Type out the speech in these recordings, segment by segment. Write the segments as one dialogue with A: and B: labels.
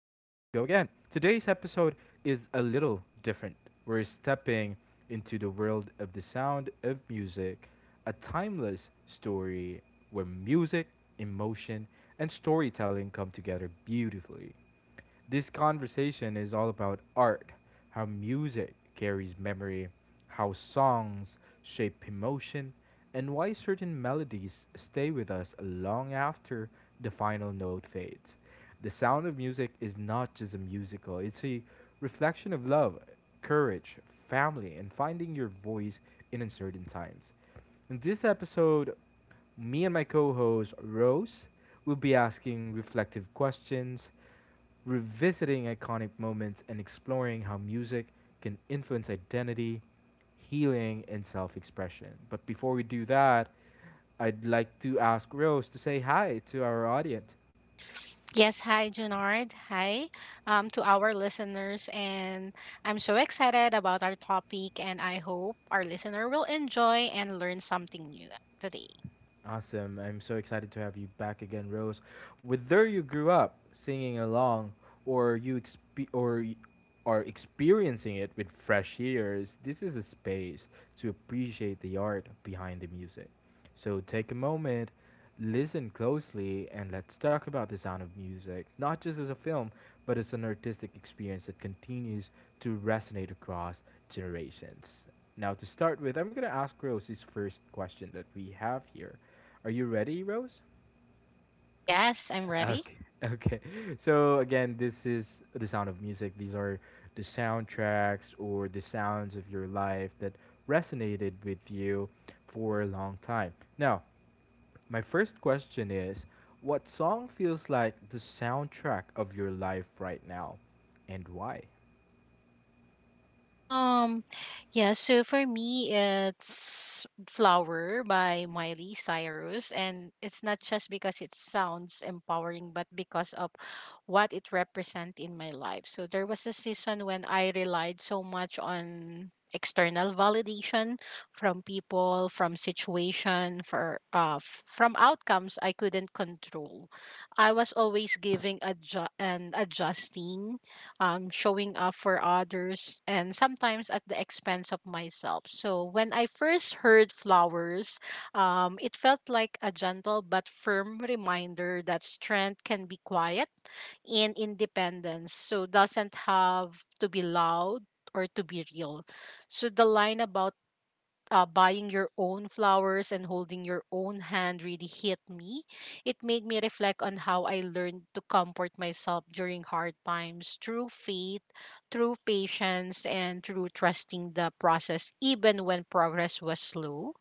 A: Today's episode is a little different. We're stepping into the world of the sound of music, a timeless story where music, emotion, and storytelling come together beautifully. This conversation is all about art, how music carries memory, how songs shape emotion, and why certain melodies stay with us long after the final note fades. The sound of music is not just a musical, it's a reflection of love, courage, family, and finding your voice in uncertain times. In this episode, me and my co host Rose will be asking reflective questions, revisiting iconic moments, and exploring how music can influence identity, healing, and self expression. But before we do that, I'd like to ask Rose to say hi to our audience.
B: Yes, hi Junard. Hi to our listeners. And I'm so excited about our topic, and I hope our listener will enjoy and learn something new today.
A: Awesome. I'm so excited to have you back again, Rose. Whether you grew up singing along or you exp- or y- are experiencing it with fresh ears, this is a space to appreciate the art behind the music. So take a moment, listen closely, and let's talk about the sound of music, not just as a film, but as an artistic experience that continues to resonate across generations. Now, to start with, I'm going to ask Rose this first question that we have here. Are you ready, Rose?
B: Yes, I'm ready.
A: Okay. Okay. So again, this is the sound of music. These are the soundtracks or the sounds of your life that resonated with you for a long time. Now, my first question is, what song feels like the soundtrack of your life right now and why?
B: Um, yeah, so for me, it's Flower by Miley Cyrus, and it's not just because it sounds empowering, but because of what it represents in my life. So there was a season when I relied so much on external validation from people, from situation, from outcomes I couldn't control. I was always giving adju- and adjusting, showing up for others, and sometimes at the expense of myself. So when I first heard flowers, it felt like a gentle but firm reminder that strength can be quiet and independence. So doesn't have to be loud or to be real. So the line about buying your own flowers and holding your own hand really hit me. It made me reflect on how I learned to comfort myself during hard times through faith, through patience, and through trusting the process, even when progress was slow.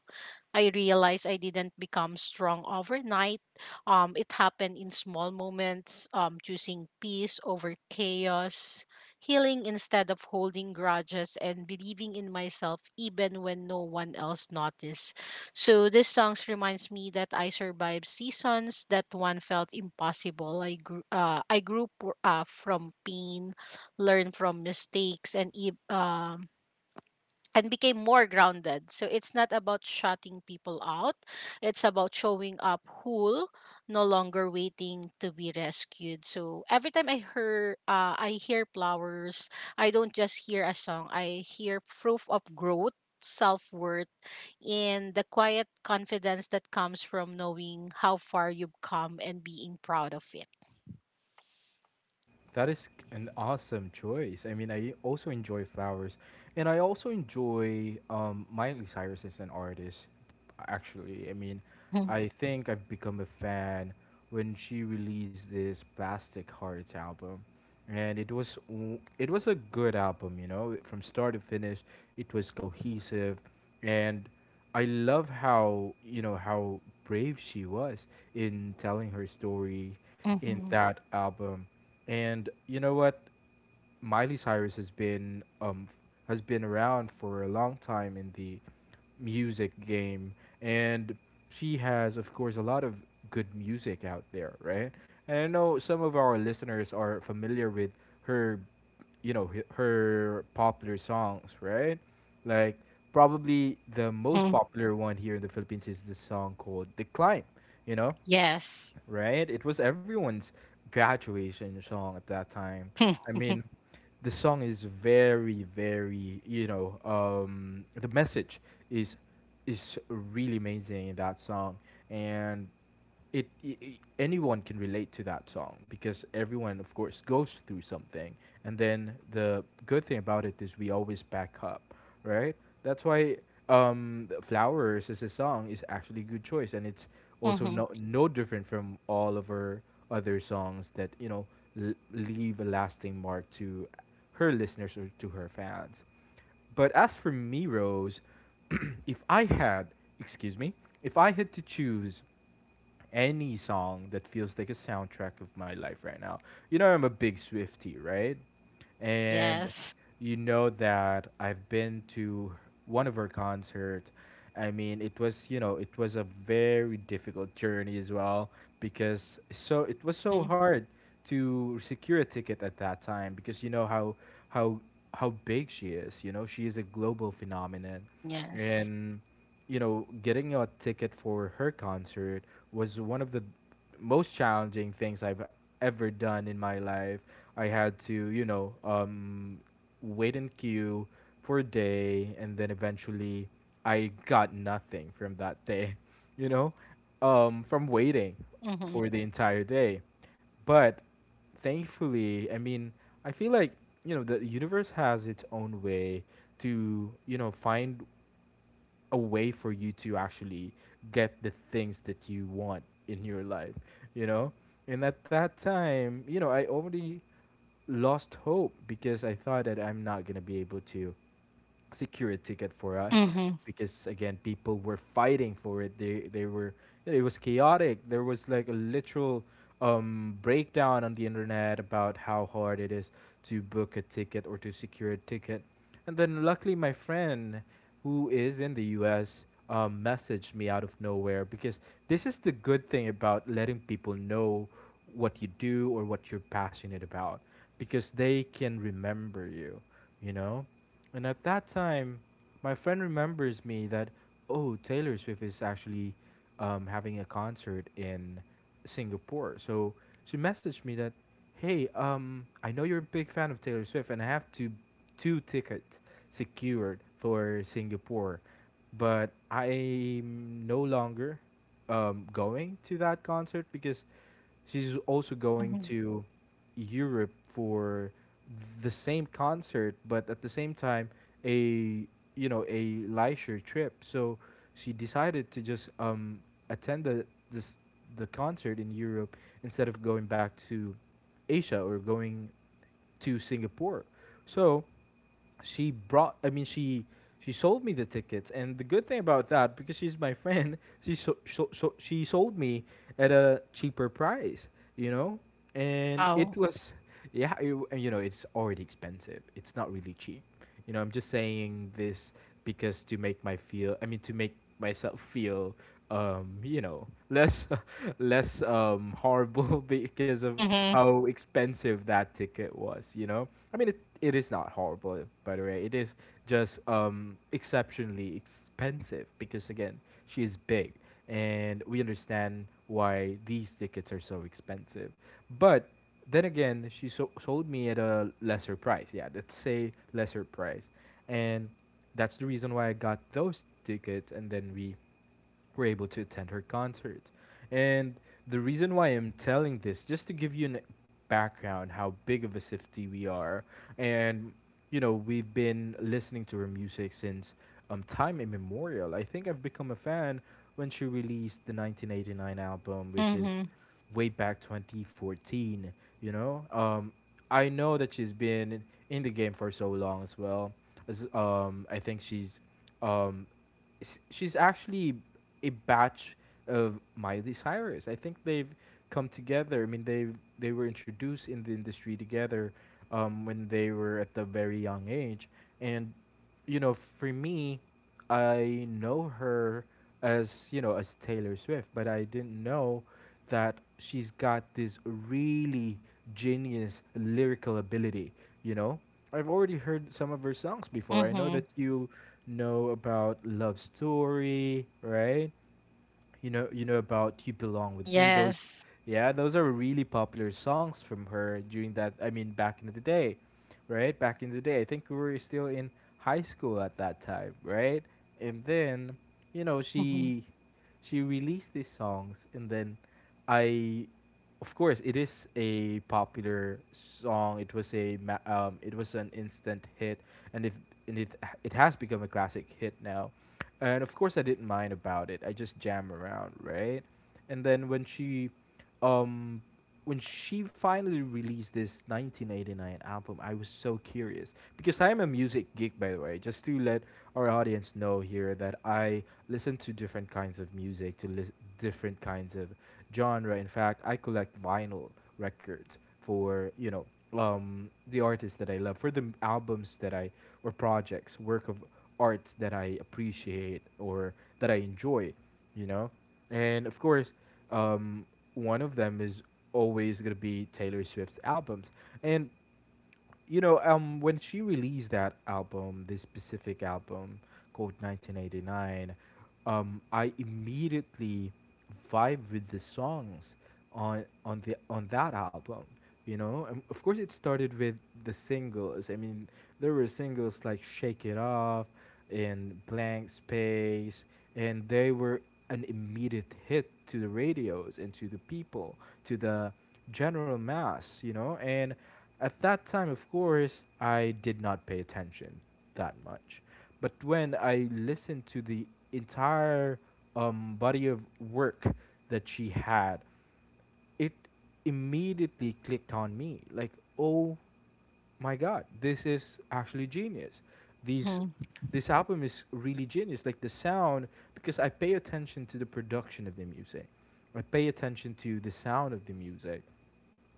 B: I realized I didn't become strong overnight. It happened in small moments, choosing peace over chaos, healing instead of holding grudges, and believing in myself even when no one else noticed. So this songs reminds me that I survived seasons that one felt impossible. I grew from pain, learned from mistakes, and became more grounded. So it's not about shutting people out, it's about showing up whole, no longer waiting to be rescued. So every time I hear flowers, I don't just hear a song, I hear proof of growth. Self worth and the quiet confidence that comes from knowing how far you've come and being proud of it.
A: That is an awesome choice. I mean, I also enjoy flowers, and I also enjoy Miley Cyrus as an artist. Actually, I mean,
B: Mm-hmm,
A: I think I've become a fan when she released this Plastic Hearts album, and it was a good album, you know, from start to finish. It was cohesive, and I love, how you know, how brave she was in telling her story in
B: mm-hmm,
A: that album. And you know what, Miley Cyrus has been around for a long time in the music game, and she has, of course, a lot of good music out there, right? And I know some of our listeners are familiar with her, you know, her popular songs, right? Like, probably the most
B: mm-hmm.
A: popular one here in the Philippines is the song called "The Climb," you know,
B: Yes.
A: right? It was everyone's graduation song at that time.
B: Mm-hmm,
A: I mean, the song is very, very, you know, the message is is really amazing in that song, and anyone can relate to that song because everyone, of course, goes through something. And then the good thing about it is we always back up, right? That's why, um, Flowers as a song is actually a good choice, and it's also no different from all of her other songs that, you know, leave a lasting mark to her listeners or to her fans. But as for me, Rose, if I had, excuse me, if I had to choose any song that feels like a soundtrack of my life right now. You know, I'm a big Swiftie, right? And
B: yes.
A: you know that I've been to one of her concerts. I mean, it was, you know, it was a very difficult journey as well because it was so
B: Mm-hmm,
A: hard to secure a ticket at that time because you know how how how big she is. You know, she is a global phenomenon,
B: yes.
A: and you know, getting a ticket for her concert was one of the most challenging things I've ever done in my life. I had to, you know, wait in queue for a day, and then eventually I got nothing from that day, you know, from waiting
B: Mhm.
A: for the entire day. But thankfully, I mean, I feel like, you know, the universe has its own way to, you know, find a way for you to actually get the things that you want in your life, you know? And at that time, you know, I already lost hope because I thought that I'm not going to be able to secure a ticket for us,
B: Mhm.
A: because again, people were fighting for it. They they were it was chaotic. There was like a literal, breakdown on the internet about how hard it is to book a ticket or to secure a ticket. And then luckily my friend who is in the US, messaged me out of nowhere because this is the good thing about letting people know what you do or what you're passionate about, because they can remember you, you know. And at that time, my friend remembers me that, oh, Taylor Swift is actually, having a concert in Singapore. So she messaged me that, hey, I know you're a big fan of Taylor Swift, and I have two tickets secured for Singapore, but I'm no longer, going to that concert because she's also going
B: Mhm.
A: to Europe for the same concert, but at the same time, a, you know, a leisure trip. So she decided to just, attend the concert in Europe instead of going back to Asia or going to Singapore. So she brought I mean she sold me the tickets, and the good thing about that, because she's my friend, she so, so, so she sold me at a cheaper price, you know. And it
B: Wow.
A: was, yeah, you know, it's already expensive, it's not really cheap. You know, I'm just saying this because to make my feel I mean to make myself feel, um, you know, less less horrible, because of
B: Mhm.
A: how expensive that ticket was, you know. I mean, it is not horrible, by the way. It is just, exceptionally expensive because, again, she is big. And we understand why these tickets are so expensive. But then again, she sold me at a lesser price. Yeah, let's say lesser price. And that's the reason why I got those tickets. And then we were able to attend her concert. And the reason why I'm telling this, just to give you an background, how big of a city we are, and you know, we've been listening to her music since, um, time immemorial. I think I've become a fan when she released the 1989 album, which is
B: Mhm.
A: way back 2014. You know, I know that she's been in the game for so long as well. I think um, she's actually a batch of Miley Cyrus. I think they've come together. I mean, they were introduced in the industry together, when they were at the very young age. And you know, for me, I know her as, you know, as Taylor Swift, but I didn't know that she's got this really genius lyrical ability. You know, I've already heard some of her songs before. I know
B: Mhm.
A: that you know about Love Story, right? You know, you know about You Belong With Me. those
B: Yes.
A: yeah those are really popular songs from her during that I mean back in the day. Right, back in the day, I think we were still in high school at that time, right? And then, you know,
B: Mhm.
A: she released these songs. And then, I of course, it is a popular song. It was an instant hit. And if and it it has become a classic hit now. And of course, I didn't mind about it, I just jam around, right? And then when she, um, when she finally released this 1989 album, I was so curious because I am a music geek, by the way. Just to let our audience know here that I listen to different kinds of music, different kinds of genre. In fact, I collect vinyl records for, you know, the artists that I love, for the albums that I or projects, work of arts that I appreciate or that I enjoy, you know? And of course, um, one of them is always going to be Taylor Swift's albums. And you know, when she released that album, this specific album called 1989, I immediately vibe with the songs on that album. You know, and of course, it started with the singles. I mean, there were singles like "Shake It Off" and "Blank Space," and they were an immediate hit to the radios and to the people, to the general mass, you know? And at that time, of course, I did not pay attention that much. But when I listened to the entire body of work that she had, it immediately clicked on me. Like, oh my god, this is actually genius. These
B: Mhm.
A: This album is really genius. Like the sound, because I pay attention to the production of the music. I pay attention to the sound of the music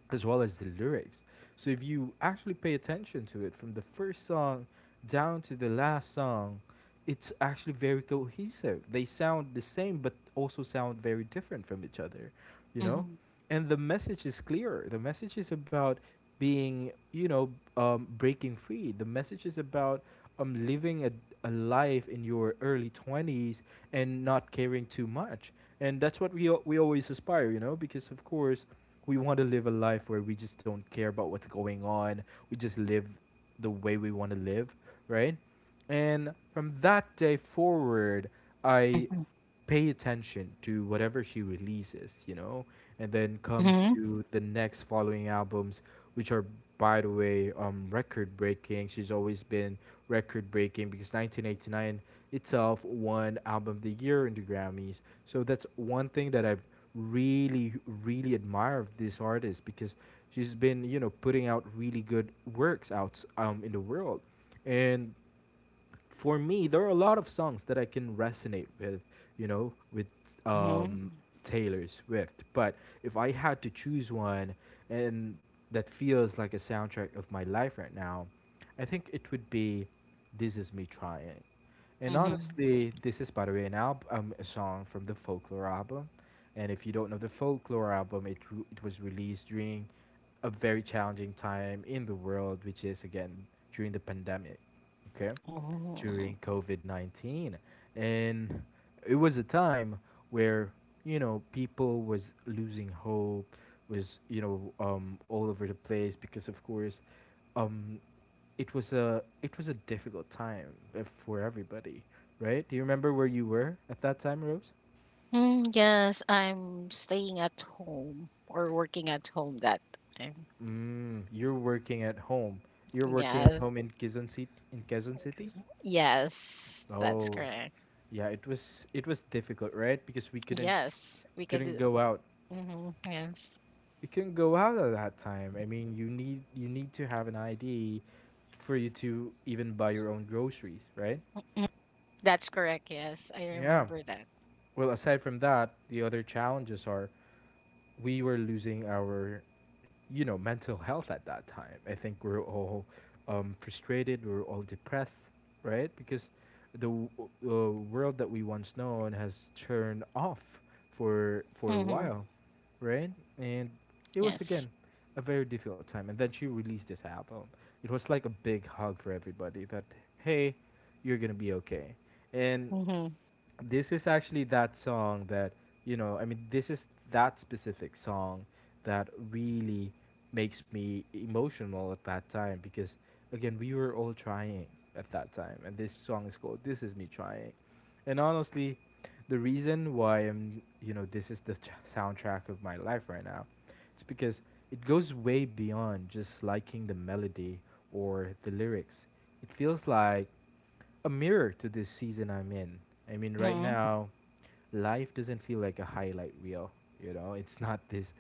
A: as well as the lyrics. So if you actually pay attention to it from the first song down to the last song, it's actually very cohesive. They sound the same but also sound very different from each other, you know?
B: Mhm.
A: And the message is clear. The message is about being, you know, breaking free. The message is about living a life in your early 20s and not caring too much. And that's what we always aspire, you know, because of course we want to live a life where we just don't care about what's going on. We just live the way we want to live, right? And from that day forward, I
B: Mhm.
A: pay attention to whatever she releases, you know, and then comes
B: Mhm.
A: to the next following albums, which are, by the way, record breaking. She's always been record breaking because 1989 itself won Album of the Year in the Grammys. So that's one thing that I've really, really admire of this artist because she's been, you know, putting out really good works out in the world. And for me, there are a lot of songs that I can resonate with, you know, with
B: Mhm.
A: um, Taylor Swift. But if I had to choose one and that feels like a soundtrack of my life right now, I think it would be This Is Me Trying. And
B: Mhm.
A: honestly, this is by the way an album, a song from the Folklore album. And if you don't know the Folklore album, it was released during a very challenging time in the world, which is again during the pandemic. Okay,
B: Oh.
A: during COVID 19. And it was a time where, you know, people was losing hope, was, you know, all over the place because, of course, um, it was a difficult time for everybody, right? Do you remember where you were at that time, Rose?
B: Mm, yes, I'm staying at home or working at home that time.
A: Mm, you're working at home. You're working at
B: Yes.
A: home in Quezon City. In Quezon City.
B: Yes, that's
A: Oh,
B: correct.
A: yeah. It was difficult, right? Because we
B: Yes, we can
A: couldn't
B: do.
A: go out.
B: Mm-hmm. Yes.
A: You couldn't go out at that time. I mean, you need to have an ID for you to even buy your own groceries, right?
B: Mm, that's correct. Yes, I
A: Yeah.
B: remember that.
A: Well, aside from that, the other challenges are we were losing our, you know, mental health at that time. I think we're all frustrated. We're all depressed, right? Because the w- world that we once known has turned off for a
B: Mm-hmm.
A: while, right? And it was
B: Yes.
A: again a very difficult time. And then she released this album. It was like a big hug for everybody that hey, you're gonna be okay. And
B: Mm-hmm.
A: this is actually that song that this is that specific song that really makes me emotional at that time because again we were all trying at that time, and this song is called This Is Me Trying. And honestly, the reason why I'm, you know, this is the soundtrack of my life right now, it's because it goes way beyond just liking the melody or the lyrics. It feels like a mirror to this season I'm in. I mean, right
B: Mm-hmm.
A: now, life doesn't feel like a highlight reel. You know, it's not this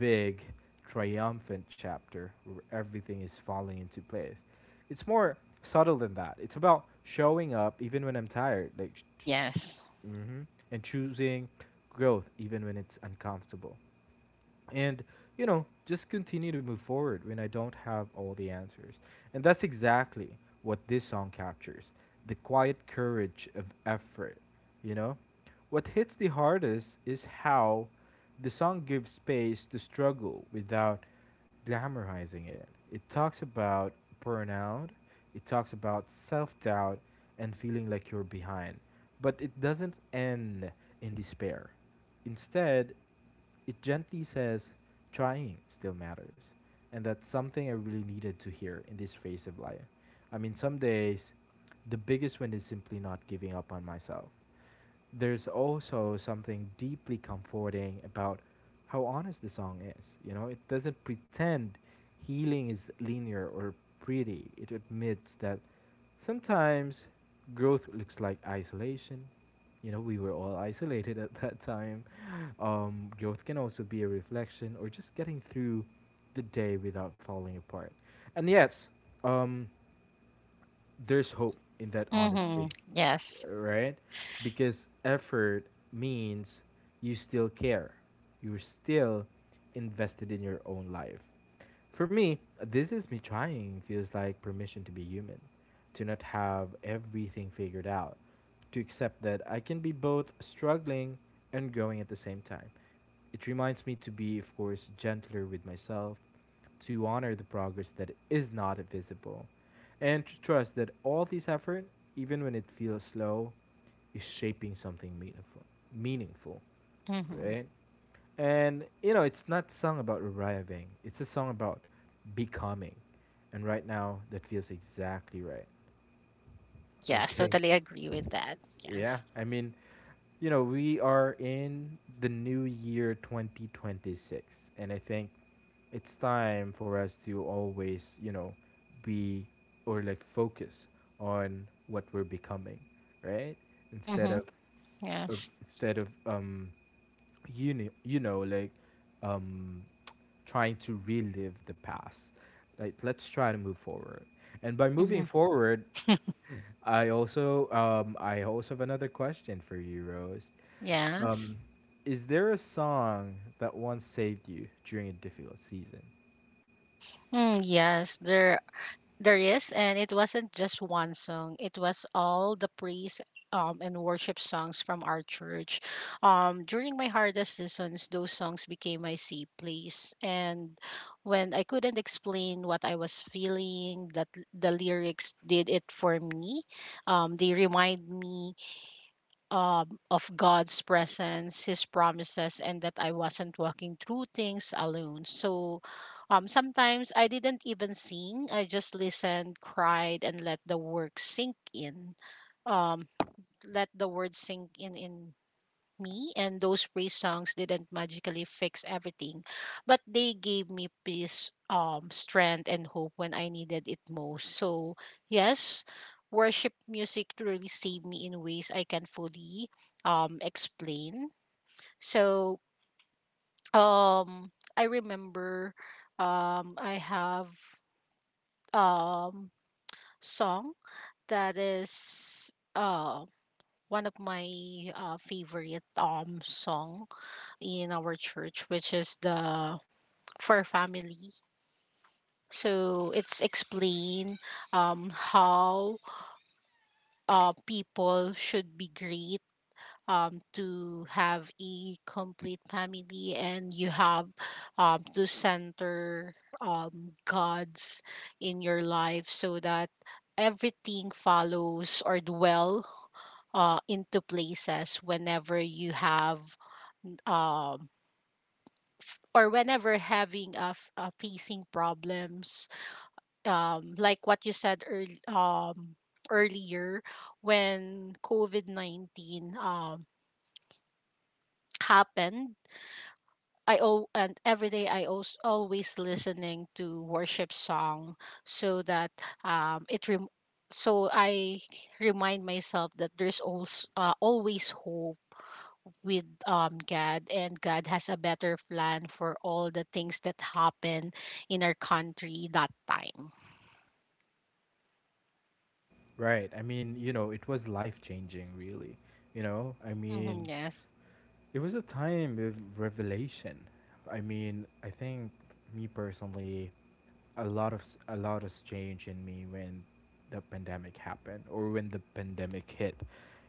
A: big, triumphant chapter where everything is falling into place. It's more subtle than that. It's about showing up even when I'm tired, like,
B: Yes.
A: mhm, and choosing growth even when it's uncomfortable, and, you know, just continue to move forward when I don't have all the answers. And that's exactly what this song captures, the quiet courage of effort, you know. What hits the hardest is how the song gives space to struggle without glamorizing it. It talks about burnout, it talks about self-doubt and feeling like you're behind, but it doesn't end in despair. Instead, it gently says, trying still matters. And that's something I really needed to hear in this phase of life. I mean, some days, the biggest win is simply not giving up on myself. There's also something deeply comforting about how honest the song is. You know, it doesn't pretend healing is linear or pretty. It admits that sometimes growth looks like isolation. You know, we were all isolated at that time. Growth can also be a reflection or just getting through the day without falling apart. And yes, um, there's hope in that
B: Mm-hmm.
A: honesty,
B: Yes.
A: right? Because effort means you still care. You're still invested in your own life. For me, This Is Me Trying feels like permission to be human, to not have everything figured out, to accept that I can be both struggling and growing at the same time. It reminds me to be, of course, gentler with myself, to honor the progress that is not visible, and to trust that all this effort, even when it feels slow, is shaping something meaningful. Meaningful,
B: Mm-hmm.
A: right? And you know, it's not song about arriving. It's a song about becoming. And right now, that feels exactly right.
B: Yes,
A: Okay.
B: totally agree with that.
A: Yeah,
B: Yes.
A: I mean, you know, we are in the new year 2026, and I think it's time for us to always, you know, be or like focus on what we're becoming, right? Instead
B: Mm-hmm.
A: of, of
B: Yes.
A: instead of you know, you know, um trying to relive the past. Like let's try to move forward. And by
B: Mm-hmm.
A: moving forward, I also have another question for you, Rose.
B: Yes.
A: Um, is there a song that once saved you during a difficult season?
B: Mm, yes, there is, and it wasn't just one song. It was all the praise and worship songs from our church. During my hardest seasons, those songs became my safe place. And when I couldn't explain what I was feeling, that the lyrics did it for me. They remind me, of God's presence, His promises, and that I wasn't walking through things alone. So sometimes I didn't even sing, I just listened, cried, and let the work sink in. Um, let the word sink in me, and those praise songs didn't magically fix everything, but they gave me peace, strength, and hope when I needed it most. So, yes, worship music really saved me in ways I can fully explain. So, um, I remember, I have, um, song that is one of my favorite song in our church, which is the for family. So it's explain, how people should be great, to have a complete family, and you have to center God's in your life so that everything follows or dwell into places whenever you have, um, or whenever having facing problems, like what you said earlier when COVID-19 happened. I all and every day I also always listening to worship song so that it rem- so I remind myself that there's also always hope with God, and God has a better plan for all the things that happen in our country that time.
A: Right. I mean, you know, it was life changing, really. You know, I
B: Hmm.
A: mean,
B: Yes.
A: it was a time of revelation. I mean, I think me personally, a lot of a lot has changed in me when the pandemic happened or when the pandemic hit,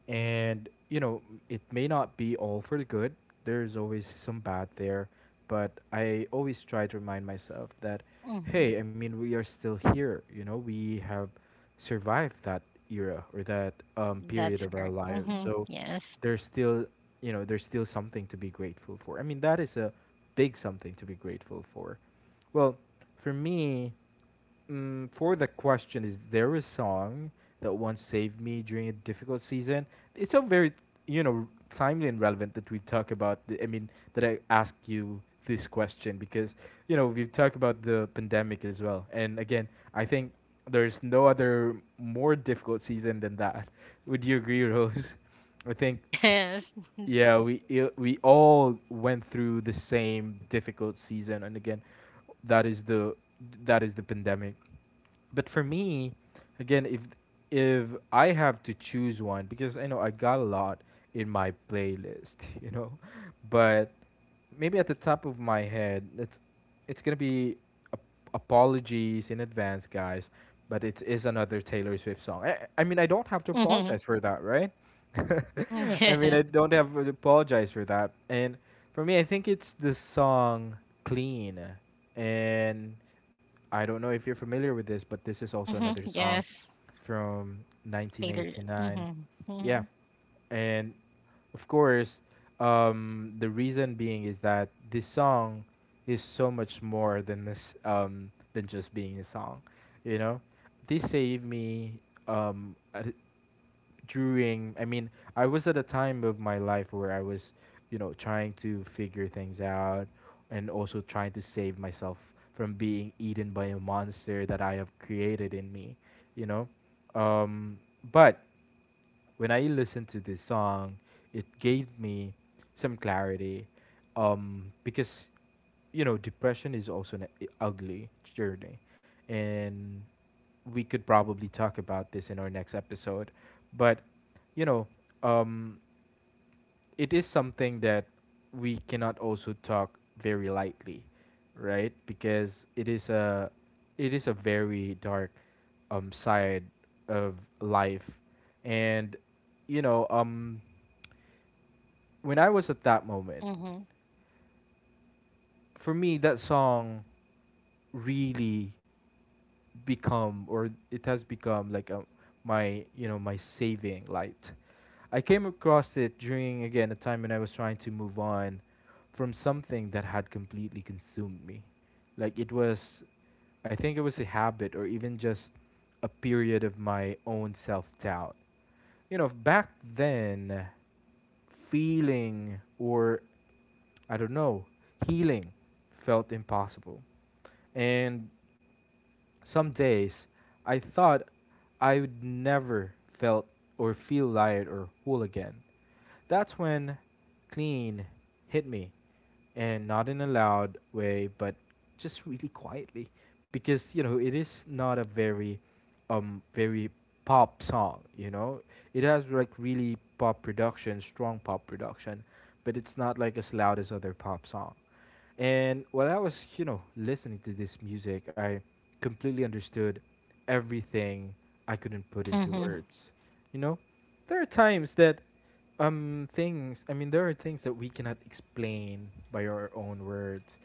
A: and you know it may not be all for the good. There's always some bad there, but I always try to remind myself that
B: Hmm.
A: hey, I mean, we are still here. You know, we have survived that era or that period
B: That's
A: of our
B: correct.
A: lives.
B: Hmm.
A: So
B: Yes.
A: there's still, there's still something to be grateful for. I mean, that is a big something to be grateful for. Well, for me, mm, for the question, is there a song that once saved me during a difficult season? It's so very, you know, timely and relevant that we talk about. I mean, that I ask you this question because you know we've talked about the pandemic as well. And again, I think there's no other more difficult season than that. Would you agree, Rose? I think
B: Yes.
A: yeah, we all went through the same difficult season, and again, that is the that is the pandemic. But for me, again, if I have to choose one, because I know I got a lot in my playlist, you know, but maybe at the top of my head, it's gonna be ap- apologies in advance, guys, but it is another Taylor Swift song. I mean, I don't have to
B: Hmm.
A: apologize for that, right? I mean,
B: Yes.
A: I don't have to apologize for that. And for me, I think it's the song "Clean," and I don't know if you're familiar with this, but this is also
B: Hmm.
A: another song
B: Yes.
A: from
B: Taylor.
A: 1989.
B: Hmm.
A: Yeah,
B: Hmm.
A: and of course, the reason being is that this song is so much more than this than just being a song. You know, this saved me um, at- during, I mean, I was at a time of my life where I was, you know, trying to figure things out and also trying to save myself from being eaten by a monster that I have created in me, you know. um but when I listened to this song, it gave me some clarity, because you know depression is also an ugly journey, and we could probably talk about this in our next episode, but you know, um, it is something that we cannot also talk very lightly, right? Because it is a very dark side of life, and you know um when I was at that moment,
B: Hmm.
A: for me that song really become or it has become like a, my my saving light. I came across it during again a time when I was trying to move on from something that had completely consumed me. Like it was, I think it was a habit or even just a period of my own self-doubt. You know, back then feeling or I don't know, healing felt impossible. And some days, I thought I would never felt or feel light or whole again. That's when Clean hit me, and not in a loud way, but just really quietly, because you know it is not a very, very pop song. You know, it has like really pop production, strong pop production, but it's not like as loud as other pop song. And while I was, you know, listening to this music, I completely understood everything I couldn't put
B: Hmm.
A: into
B: Hmm.
A: words. You know, there are times that there are things that we cannot explain by our own words.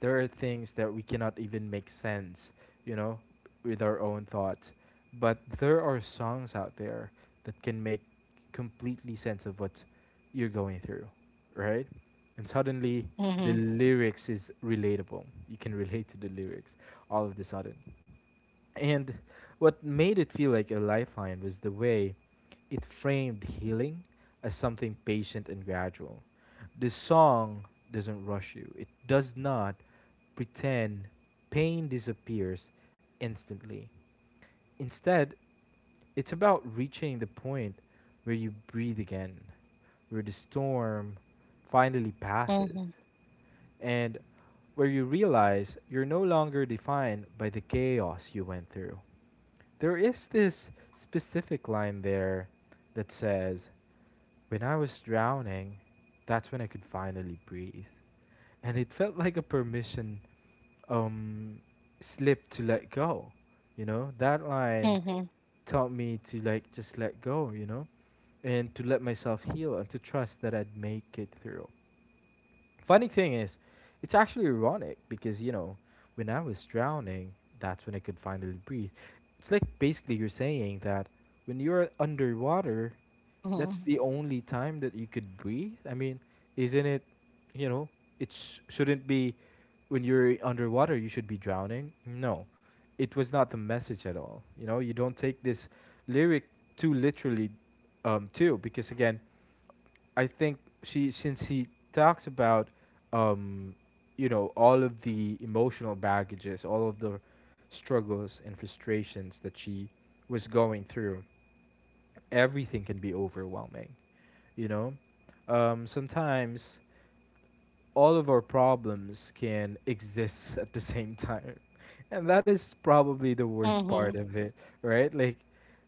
A: There are things that we cannot even make sense, you know, with our own thoughts. But there are songs out there that can make completely sense of what you're going through, right? And suddenly the
B: Hmm.
A: lyrics is relatable. You can relate to the lyrics all of the sudden. And what made it feel like a lifeline was the way it framed healing as something patient and gradual. The song doesn't rush you, it does not pretend pain disappears instantly. Instead, it's about reaching the point where you breathe again, where the storm finally passes
B: Hmm.
A: and where you realize you're no longer defined by the chaos you went through. There is this specific line there that says, when I was drowning, that's when I could finally breathe. And it felt like a permission, um, slip to let go. You know, that line taught me to like just let go, you know, and to let myself heal and to trust that I'd make it through. Funny thing is, it's actually ironic because, you know, when I was drowning, that's when I could finally breathe. It's like basically you're saying that when you're underwater,
B: Hmm.
A: that's the only time that you could breathe. I mean, isn't it, you know, it shouldn't be when you're underwater, you should be drowning. No, it was not the message at all. You know, you don't take this lyric too literally, too, because again, I think she since he talks about um all of the emotional baggages, all of the struggles and frustrations that she was going through. Everything can be overwhelming, you know? Sometimes all of our problems can exist at the same time. And that is probably the worst part
B: Hmm.
A: of it, right? Like,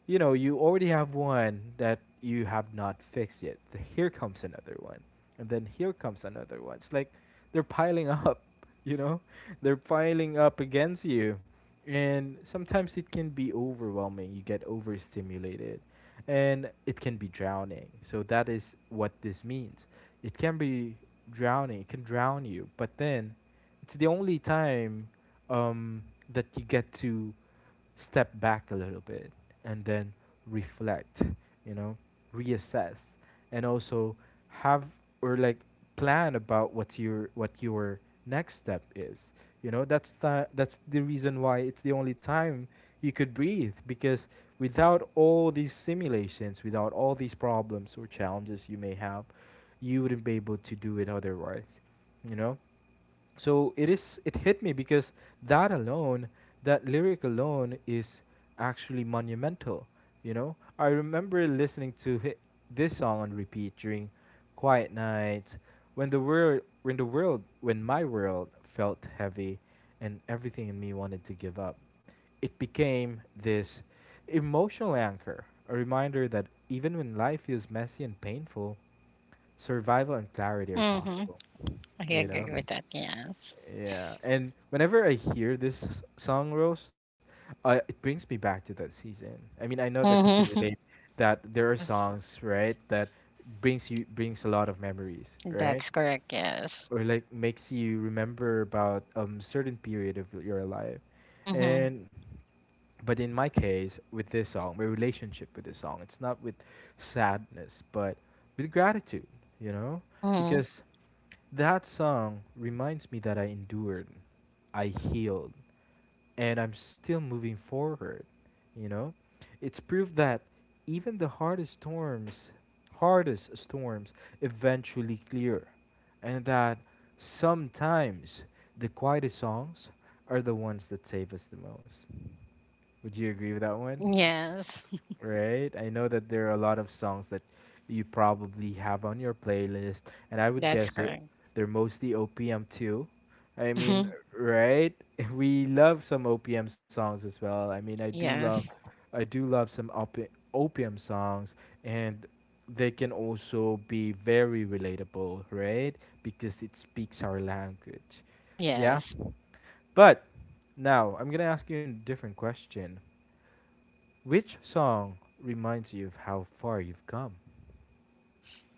A: you know, you already have one that you have not fixed yet. Here comes another one. And then here comes another one. It's like they're piling up, you know? They're piling up against you. And sometimes it can be overwhelming. You get overstimulated and it can be drowning. So that is what this means, it can be drowning. It can drown you. But then, it's the only time, um, that you get to step back a little bit and then reflect, you know, reassess and also have or like plan about what your next step is. You know, that's the reason why it's the only time you could breathe because without all these simulations, without all these problems or challenges you may have, you wouldn't be able to do it otherwise. You know, so it hit me because that alone, that lyric alone is actually monumental. You know, I remember listening to hit this song on repeat during quiet nights when the world when the world when my world felt heavy and everything in me wanted to give up. It became this emotional anchor, a reminder that even when life feels messy and painful, survival and clarity are
B: Hmm.
A: possible.
B: I
A: You know,
B: agree with that. Yes.
A: yeah, and whenever I hear this song, Rose, it brings me back to that season. I mean, I know that you can
B: Hmm.
A: relate that there are
B: Yes.
A: songs, right, that brings a lot of memories, right?
B: That's correct. Yes.
A: Or like makes you remember about certain period of your life.
B: Mm-hmm.
A: And but in my case with this song, my relationship with this song, it's not with sadness but with gratitude, you know?
B: Mm-hmm.
A: Because that song reminds me that I endured, I healed, and I'm still moving forward, you know? It's proof that even the hardest storms eventually clear, and that sometimes the quietest songs are the ones that save us the most. Would you agree with that one?
B: Yes,
A: Right? I know that there are a lot of songs that you probably have on your playlist, and I would
B: that's
A: guess it
B: correct.
A: they're mostly OPM too. I mean,
B: Hmm.
A: right? We love some OPM songs as well. I mean,
B: Yes,
A: I do love some opium songs and they can also be very relatable, right? Because it speaks our language. Yeah.
B: yes.
A: But now I'm going to ask you a different question. Which song reminds you of how far you've come?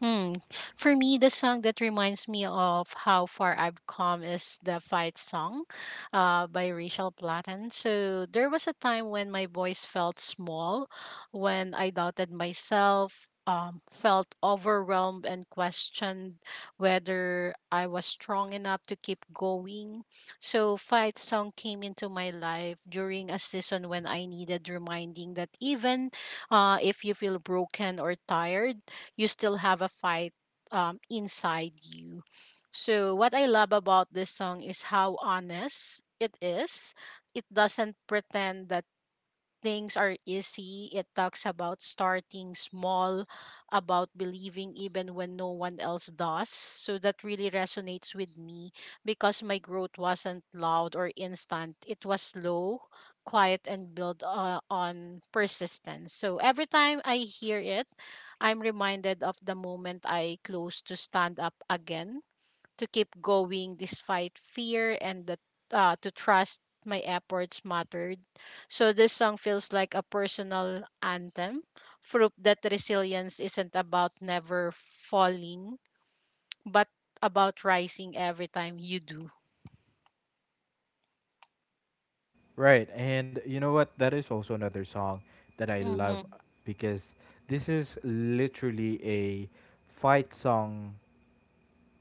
B: Hmm. For me, the song that reminds me of how far I've come is the Fight Song by Rachel Platten. So there was a time when my voice felt small, when I doubted myself, felt overwhelmed, and questioned whether I was strong enough to keep going. So Fight Song came into my life during a season when I needed reminding that even, if you feel broken or tired, you still have a fight, inside you. So, what I love about this song is how honest it is. It doesn't pretend that things are easy. It talks about starting small, about believing even when no one else does. So that really resonates with me because my growth wasn't loud or instant. It was slow, quiet, and built on persistence. So every time I hear it, I'm reminded of the moment I close to stand up again to keep going despite fear and to trust my efforts mattered. So this song feels like a personal anthem, proof that resilience isn't about never falling, but about rising every time you do.
A: Right, and you know what? That is also another song that I love
B: Hmm.
A: because this is literally a fight song.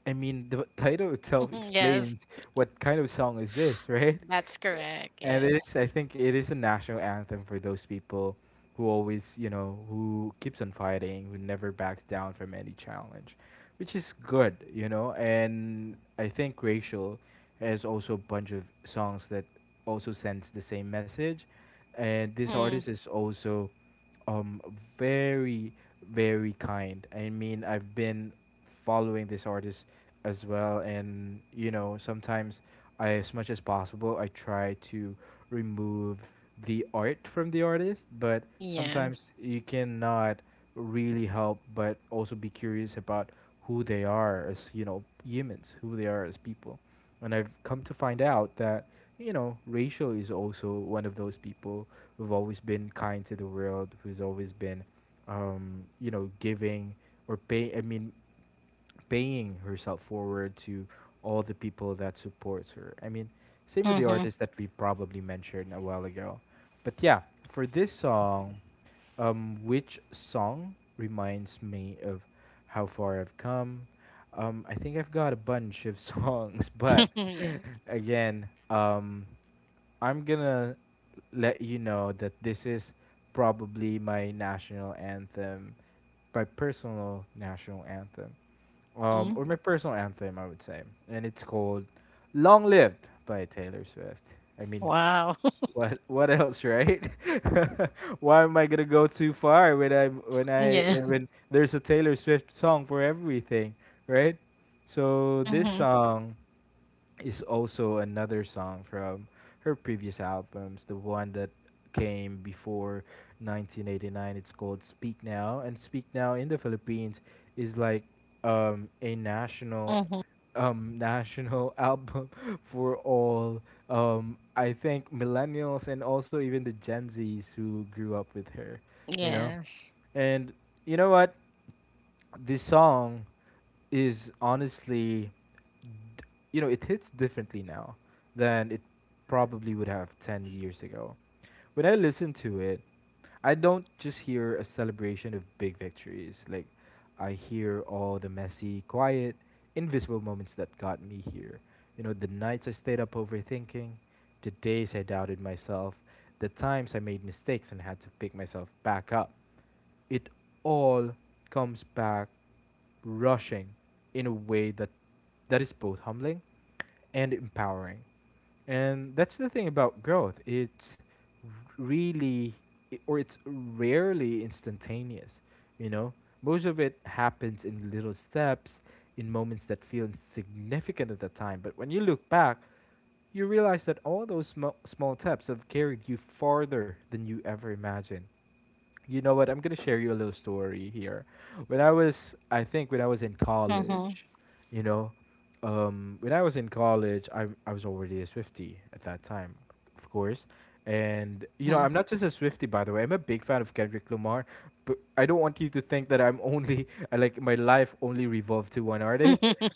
A: I mean, the title itself
B: Yes,
A: explains what kind of song is this, right?
B: that's correct.
A: And it
B: Yes.
A: is, I think it is a national anthem for those people who always, you know, who keeps on fighting, who never backs down from any challenge, which is good, you know. And I think Racial has also a bunch of songs that also sends the same message. And this artist
B: Mm-hmm.
A: is also um very very kind. I mean, I've been following this artist as well. And you know, sometimes I, as much as possible, I try to remove the art from the artist, but
B: Yes.
A: sometimes you cannot really help but also be curious about who they are as, you know, humans, who they are as people. And I've come to find out that, you know, Rachel is also one of those people who've always been kind to the world, who's always been, you know, giving or paying herself forward to all the people that supports her. I mean, same with the
B: Mm-hmm.
A: artist that we probably mentioned a while ago. But yeah, for this song, which song reminds me of how far I've come? I think I've got a bunch of songs, but
B: Yes.
A: again, I'm gonna let you know that this is probably my national anthem, my personal national anthem,
B: Mm-hmm.
A: or my personal anthem, I would say, and it's called "Long Lived" by Taylor Swift. I mean,
B: Wow.
A: what else, right? Why am I gonna go too far when
B: Yes.
A: there's a Taylor Swift song for everything, right? So this
B: Mm-hmm.
A: song is also another song from her previous albums, the one that came before 1989. It's called Speak Now, and Speak Now in the Philippines is like a national,
B: Mm-hmm.
A: national album for all, I think, millennials and also even the Gen Zs who grew up with her, you know.
B: Yes.
A: And you know what? This song is honestly, d- you know, it hits differently now than it probably would have 10 years ago. When I listened to it, I don't just hear a celebration of big victories. Like, I hear all the messy, quiet, invisible moments that got me here. You know, the nights I stayed up overthinking, the days I doubted myself, the times I made mistakes and had to pick myself back up, it all comes back rushing in a way that is both humbling and empowering. And that's the thing about growth. It's really or it's rarely instantaneous, you know? Most of it happens in little steps, in moments that feel insignificant at the time, but when you look back, you realize that all those small steps have carried you farther than you ever imagined. You know what? I'm gonna share you a little story here. When I was, I think when I was in
B: Mm-hmm.
A: college, you know, when I was in college, I was already a Swifty at that time, of course. And you know, I'm not just a Swifty, by the way. I'm a big fan of Kendrick Lamar, but I don't want you to think that I'm only I like my life only revolved to one artist.
B: Mm-hmm.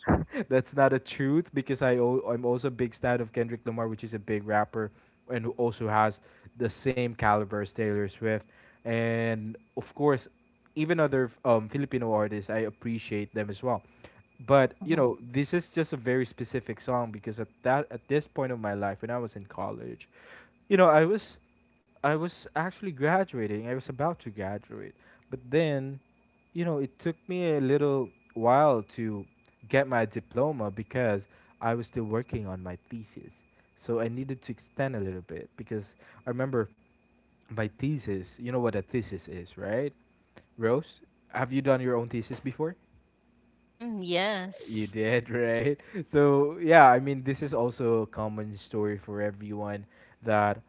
A: That's not a truth because I'm also a big stan of Kendrick Lamar, which is a big rapper and who also has the same caliber as Taylor Swift. And of course, even other Filipino artists, I appreciate them as well. But you know, this is just a very specific song because at this point of my life, when I was in college, you know, I was actually graduating. I was about to graduate. But then, you know, it took me a little while to get my diploma because I was still working on my thesis. So I needed to extend a little bit because I remember my thesis, you know what a thesis is, right? Rose, have you done your own thesis before?
B: Mm,
A: You
B: yes.
A: did, right? So, yeah, I mean, this is also a common story for everyone that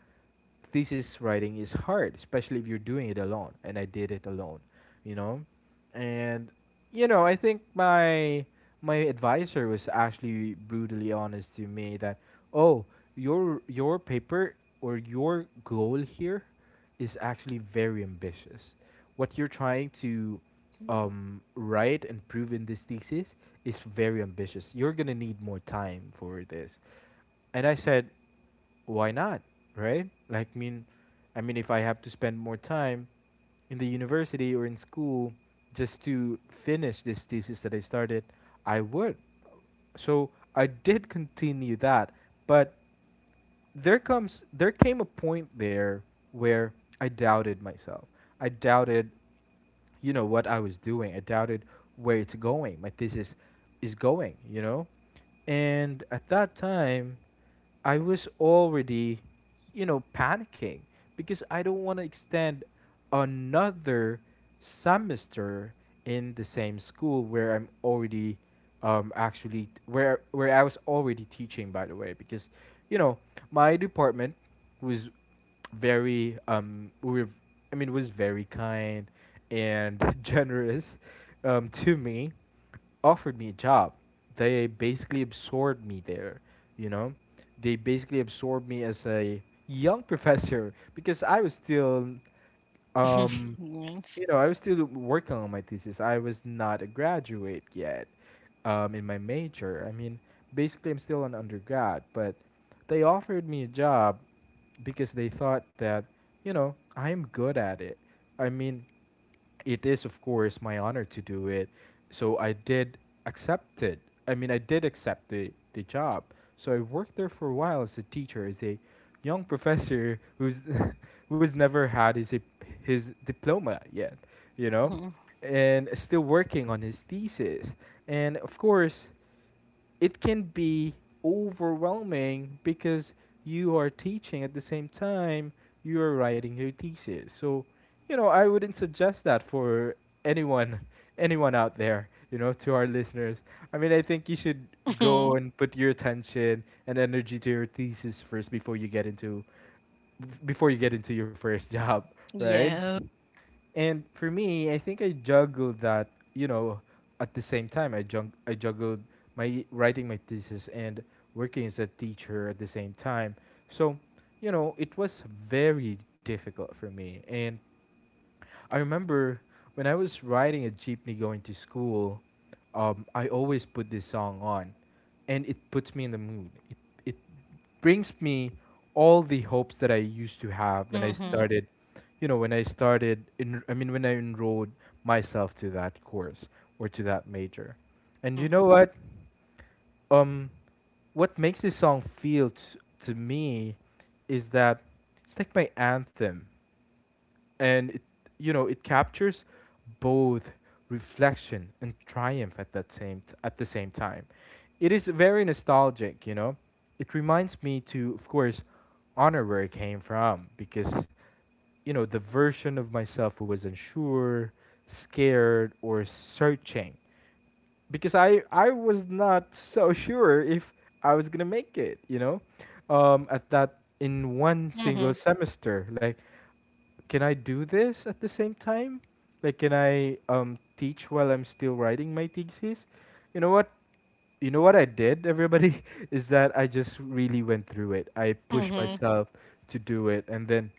A: thesis writing is hard, especially if you're doing it alone. And I did it alone, you know? And, I think my advisor was actually brutally honest to me that, oh, your paper or your goal here is actually very ambitious. What you're trying to
B: Mhm.
A: write and prove in this thesis is very ambitious. You're gonna need more time for this. And I said, why not, right? I mean, if I have to spend more time in the university or in school just to finish this thesis that I started, I would. So I did continue that, but there came a point there where I doubted myself. I doubted, you know, what I was doing. I doubted where it's going. My thesis is going. You know, and at that time, I was already, you know, panicking because I don't want to extend another semester in the same school where I'm already actually where I was already teaching, by the way, because you know my department was very I mean was very kind and generous to me, offered me a job. They basically absorbed me there, you know. They basically absorbed me as a young professor because I was still
B: Mhm.
A: um, you know, I was still working on my thesis. I was not a graduate yet in my major. I mean, basically, I'm still an undergrad, but they offered me a job because they thought that, you know, I am good at it. I mean, it is, of course, my honor to do it. So I did accept it. I mean, I did accept the job. So I worked there for a while as a teacher, as a young professor who's who's never had his dip- his diploma yet, you
B: Yes.
A: know,
B: Mhm.
A: and still working on his thesis. And of course, it can be overwhelming because you are teaching at the same time you are writing your thesis. So, you know, I wouldn't suggest that for anyone anyone out there, you know, to our listeners. I mean, I think you should go
B: Mhm.
A: and put your attention and energy to your thesis first before you get into your first job, right?
B: Yeah.
A: And for me, I think I juggled that, you know, at the same time I juggled my writing my thesis and working as a teacher at the same time. So, you know, it was very difficult for me, and I remember when I was riding a jeepney going to school, I always put this song on, and it puts me in the mood. It brings me all the hopes that I used to have when I
B: Mhm.
A: started, you know, when I started in. I mean, when I enrolled myself to that course or to that major, and you know what? Um, what makes this song feel to me is that it's like my anthem, and it, you know, it captures both reflection and triumph at at the same time. It is very nostalgic, you know. It reminds me to, of course, honor where I came from because you know the version of myself who was unsure, scared, or searching, because I was not so sure if I was gonna make it, you know, at that in one
B: Mhm.
A: single
B: Mhm.
A: semester. Like, can I do this at the same time? Like, can I teach while I'm still writing my thesis? You know what? You know what I did, everybody? Is that I just really went through it. I pushed
B: Mhm.
A: myself to do it, and then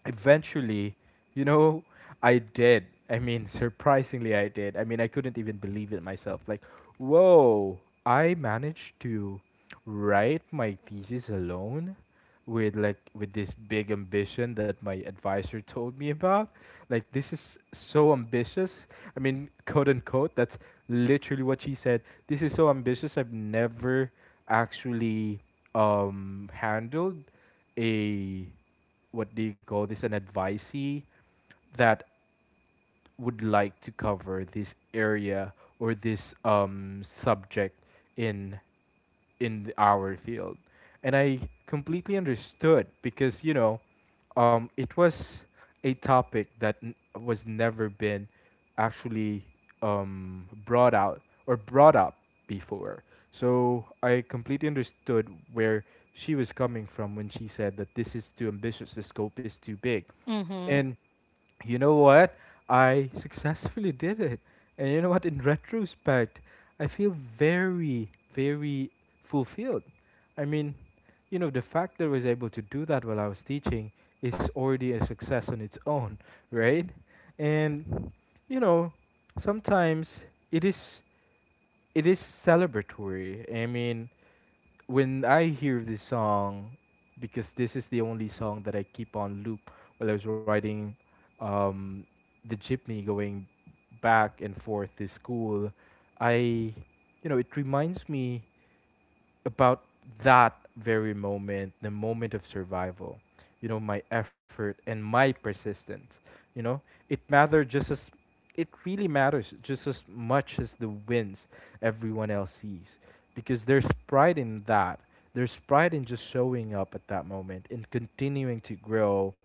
A: eventually, you know, I did. I mean, surprisingly, I did. I mean, I couldn't even believe it myself. Like, whoa, I managed to write my thesis alone with with this big ambition that my advisor told me about, like this is so ambitious, I mean, quote unquote, that's literally what she said. This is so ambitious. I've never actually handled a, what do you call this, an advisee that would like to cover this area or this subject in our field. And I completely understood because, you know, it was a topic that was never been actually brought out or brought up before. So I completely understood where she was coming from when she said that this is too ambitious, the scope is too big.
B: Mhm.
A: And you know what? I successfully did it. And you know what? In retrospect, I feel very, very fulfilled. I mean, you know, the fact that I was able to do that while I was teaching is already a success on its own, right? And, you know, sometimes it is, celebratory. I mean, when I hear this song, because this is the only song that I keep on loop while I was riding um, the jeepney going back and forth to school, I, you know, it reminds me about that very moment, the moment of survival, you know, my effort and my persistence, you know, it matters just as it really matters just as much as the wins everyone else sees, because there's pride in that. There's pride in just showing up at that moment, in continuing to grow,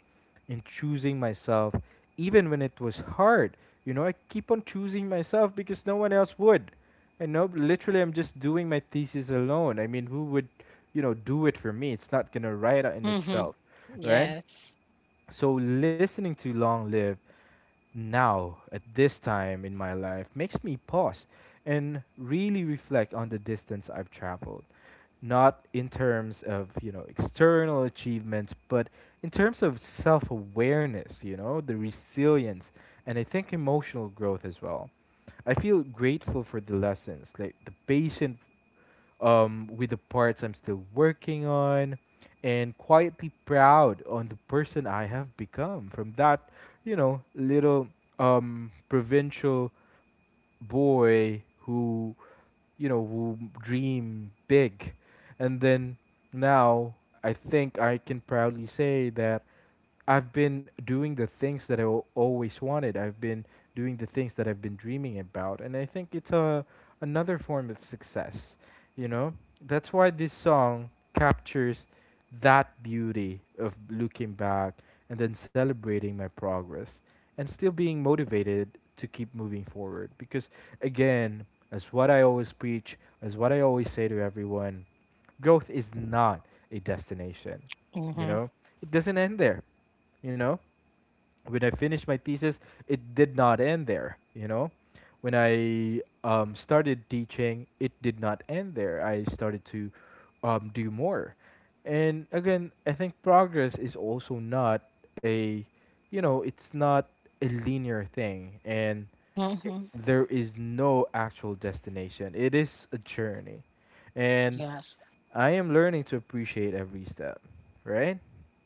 A: in choosing myself, even when it was hard. You know, I keep on choosing myself because no one else would. And no, literally, I'm just doing my thesis alone. I mean, who would, you know, do it for me? It's not gonna write out in
B: Mhm.
A: itself, right?
B: Yes.
A: So listening to Long Live now at this time in my life makes me pause and really reflect on the distance I've traveled. Not in terms of, you know, external achievements, but in terms of self awareness, you know, the resilience, and I think emotional growth as well. I feel grateful for the lessons, like the patient with the parts I'm still working on, and quietly proud on the person I have become from that, you know, little provincial boy who, you know, who dream big. And then now I think I can proudly say that I've been doing the things that I al- always wanted. I've been doing the things that I've been dreaming about, and I think it's a another form of success. You know, that's why this song captures that beauty of looking back and then celebrating my progress and still being motivated to keep moving forward. Because again, as what I always preach, as what I always say to everyone, growth is not a destination. You
B: Mhm.
A: know, it doesn't end there, you know, when I finished my thesis, it did not end there. You know, when I started teaching, it did not end there. I started to do more. And again, I think progress is also not a, you know, it's not a linear thing.
B: Mhm.
A: There is no actual destination. It is a journey, and
B: Yes.
A: I am learning to appreciate every step, right?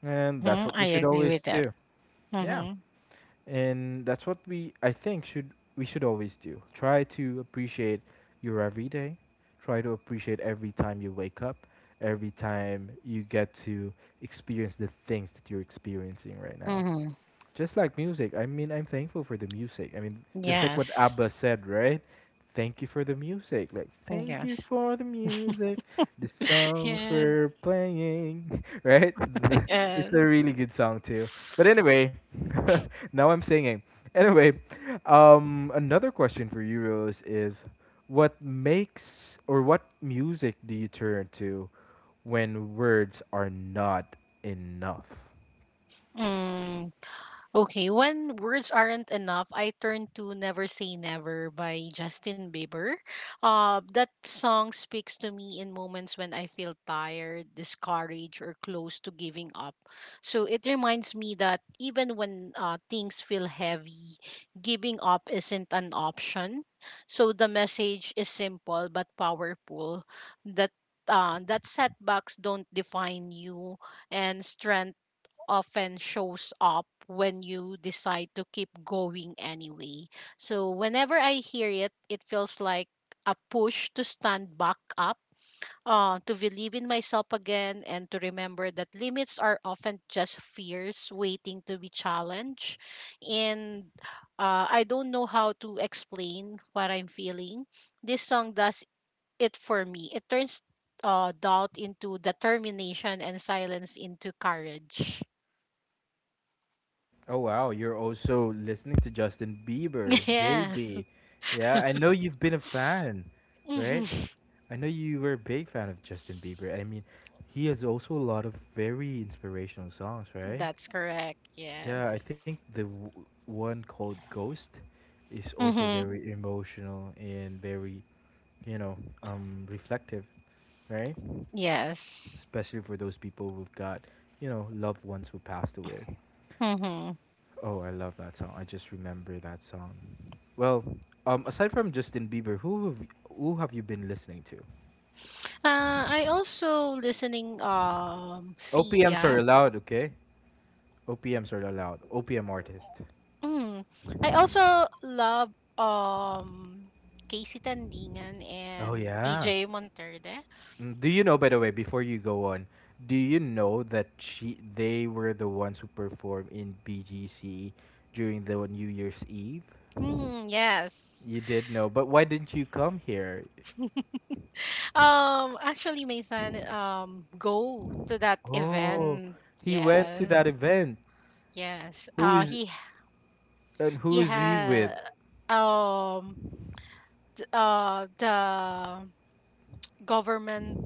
A: And that's
B: Mhm.
A: what we
B: I
A: should
B: agree
A: always
B: with that.
A: do. Yeah,
B: Mhm.
A: and that's what we I think should we should always do. Try to appreciate your everyday. Try to appreciate every time you wake up, every time you get to experience the things that you're experiencing right now.
B: Mhm.
A: Just like music. I mean, I'm thankful for the music. I mean, just like what
B: Yes.
A: ABBA said, right? Thank you for the music. Like, thank you
B: Yes.
A: for the music. The songs
B: Yes.
A: we're playing, right? It's a
B: Yes.
A: really good song too. But anyway, now I'm singing. Anyway, another question for you, Rose, is what makes, or what music do you turn to when words are not enough?
B: Mm. Okay, when words aren't enough, I turn to Never Say Never by Justin Bieber. That song speaks to me in moments when I feel tired, discouraged, or close to giving up. So it reminds me that even when, things feel heavy, giving up isn't an option. So the message is simple but powerful that that setbacks don't define you, and strength often shows up when you decide to keep going anyway. So whenever I hear it, it feels like a push to stand back up, to believe in myself again, and to remember that limits are often just fears waiting to be challenged. And I don't know how to explain what I'm feeling. This song does it for me. It turns, doubt into determination and silence into courage.
A: Oh wow, you're also listening to Justin Bieber,
B: Yes.
A: JB. Yeah, I know you've been a fan, right?
B: Mhm.
A: I know you were a big fan of Justin Bieber. I mean, he has also a lot of very inspirational songs, right?
B: That's correct.
A: Yeah, I think
B: Yes.
A: the one called Ghost is also
B: Mm-hmm.
A: very emotional and very, you know, reflective, right?
B: Yes.
A: Especially for those people who've got, you know, loved ones who passed away.
B: Mm-hmm.
A: Oh, I love that song. I just remember that song. Well, aside from Justin Bieber, who have you been listening to?
B: I also listening
A: OPMs
B: Sia.
A: are allowed, okay? OPMs are allowed. OPM artist.
B: Mm. I also love um Casey Tandingan
A: Oh
B: and
A: yeah.
B: TJ Monterde.
A: Mm, do you know, by the way, before you go on, do you know that she they were the ones who performed in BGC during the New Year's Eve?
B: Mm, yes.
A: You did know, but why didn't you come here?
B: Actually my son go to that
A: Oh,
B: event.
A: he went to that
B: Yes.
A: event.
B: Yes.
A: Who
B: Uh
A: is
B: he
A: And
B: he
A: who is he
B: had
A: with?
B: um the government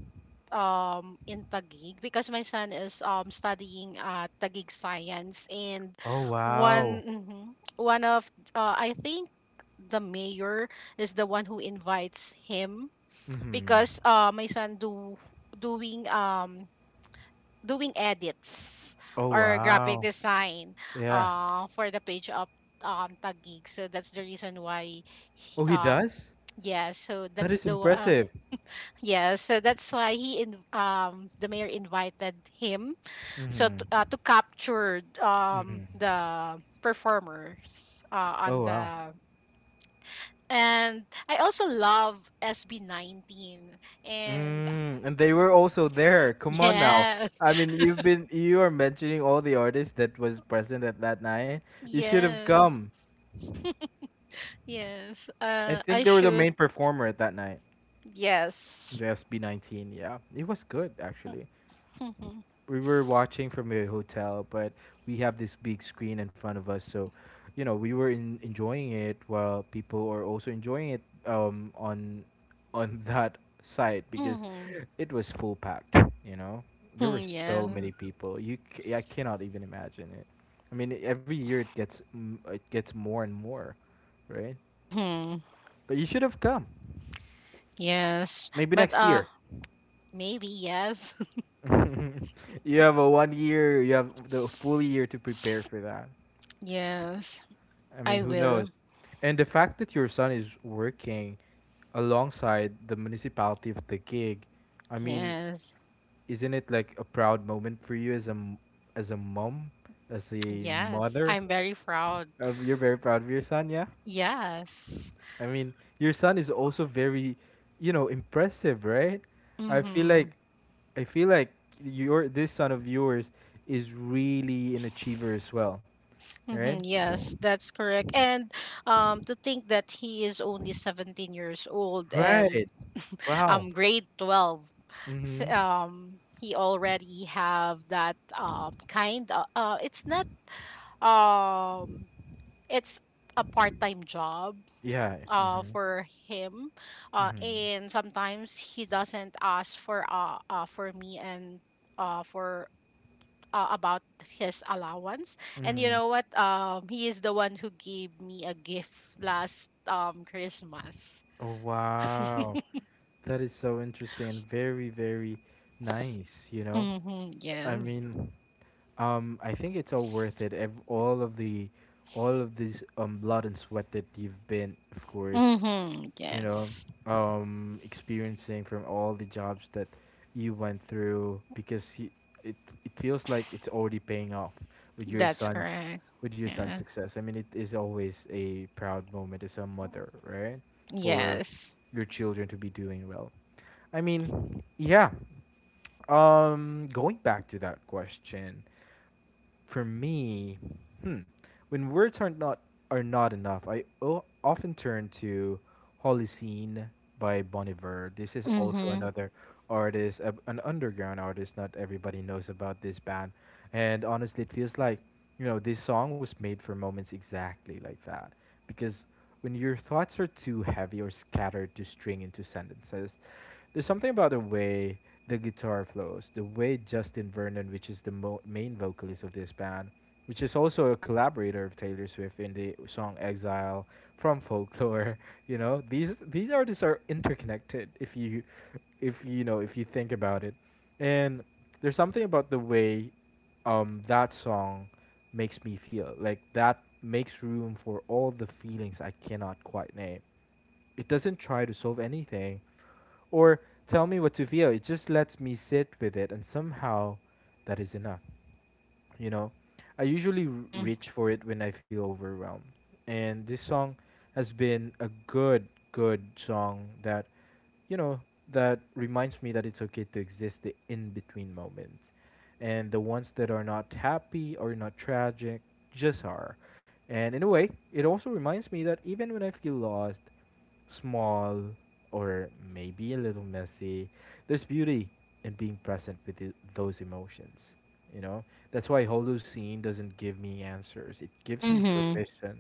B: in Taguig because my son is studying Taguig science, and
A: Oh
B: one
A: wow.
B: mhm, one of, I think, the mayor is the one who invites him
A: Mm-hmm.
B: because my son do doing doing edits
A: Oh
B: or graphic
A: wow.
B: design
A: Yeah.
B: for the page of Taguig, so that's the reason why he,
A: Oh, he does?
B: yeah, so
A: That
B: that's
A: is impressive.
B: yeah, so that's why he in the mayor invited him, so to,
A: Mm-hmm.
B: uh, to capture
A: Mm-hmm.
B: the performers on
A: Oh wow.
B: the, and I also love SB19, and
A: Mm, and they were also there. Come on now.
B: yes,
A: I mean, you are mentioning all the artists that was present at that night. You should have
B: yes,
A: come.
B: yes.
A: I
B: I
A: think they were the
B: should.
A: main performer at that night.
B: Yes.
A: The SB19. Yeah. It was good actually.
B: Mhm.
A: We were watching from a hotel, but we have this big screen in front of us, so you know we were enjoying it while people are also enjoying it on that site because
B: Mhm.
A: it was full packed. You know, there were so
B: Yes.
A: many people. I cannot even imagine it. I mean, every year it gets more and more, right?
B: Mhm.
A: But you should have come.
B: Yes,
A: Maybe
B: but
A: next year.
B: maybe. Yes.
A: You have a 1 year, you have the full year to prepare for that.
B: Yes.
A: I mean,
B: I
A: who knows?
B: will.
A: And the fact that your son is working alongside the municipality of the gig, I mean,
B: Yes.
A: isn't it like a proud moment for you as a mom, as a
B: Yes,
A: mother?
B: I'm very proud.
A: You're very proud of your son, yeah?
B: Yes.
A: I mean, your son is also very, you know, impressive, right? I feel
B: Mm-hmm.
A: like I feel like your this son of yours is really an achiever as well, right?
B: Mm-hmm. Yes, that's correct. And to think that he is only 17 years old and,
A: Right. Wow.
B: grade 12. S-
A: Mhm.
B: Um, he already have that kind of, it's not um, it's a part-time job
A: Yeah. Mhm.
B: for him. Uh,
A: Mhm.
B: and sometimes he doesn't ask for, for me, and for about his allowance. And you
A: Mhm.
B: know what? He is the one who gave me a gift last Christmas.
A: Oh wow. That is so interesting and very very nice, you know?
B: Mm-hmm,
A: I
B: yes.
A: mean, I think it's all worth it. All of this blood and sweat that you've been, of course,
B: Mm-hmm,
A: you know,
B: yes.
A: experiencing from all the jobs that you went through, because y it it feels like it's already paying off with
B: That's correct.
A: with your son's
B: Yeah.
A: success. I mean, it is always a proud moment as a mother, right, for
B: Yes.
A: your children to be doing well. I mean, yeah. Going back to that question for me, hmm, when words are not enough, I often turn to "Holy Scene" by Bon Iver. This is also
B: Mm-hmm.
A: another artist, an underground artist. Not everybody knows about this band, and honestly, it feels like you know this song was made for moments exactly like that, because when your thoughts are too heavy or scattered to string into sentences, there's something about the way the guitar flows, the way Justin Vernon, which is the main vocalist of this band, which is also a collaborator of Taylor Swift in the song Exile from Folklore, you know, these artists are interconnected if you know if you think about it. And there's something about the way that song makes me feel. Like that makes room for all the feelings I cannot quite name. It doesn't try to solve anything or tell me what to feel. It just lets me sit with it, and somehow that is enough, you know. I usually
B: Mm-hmm.
A: reach for it when I feel overwhelmed, and this song has been a good song that, you know, that reminds me that it's okay to exist the in between moments, and the ones that are not happy or not tragic just are. And in a way it also reminds me that even when I feel lost, small, or maybe a little messy, there's beauty in being present with those emotions, you know. That's why Holocene doesn't give me answers. It gives me
B: Mm-hmm.
A: permission.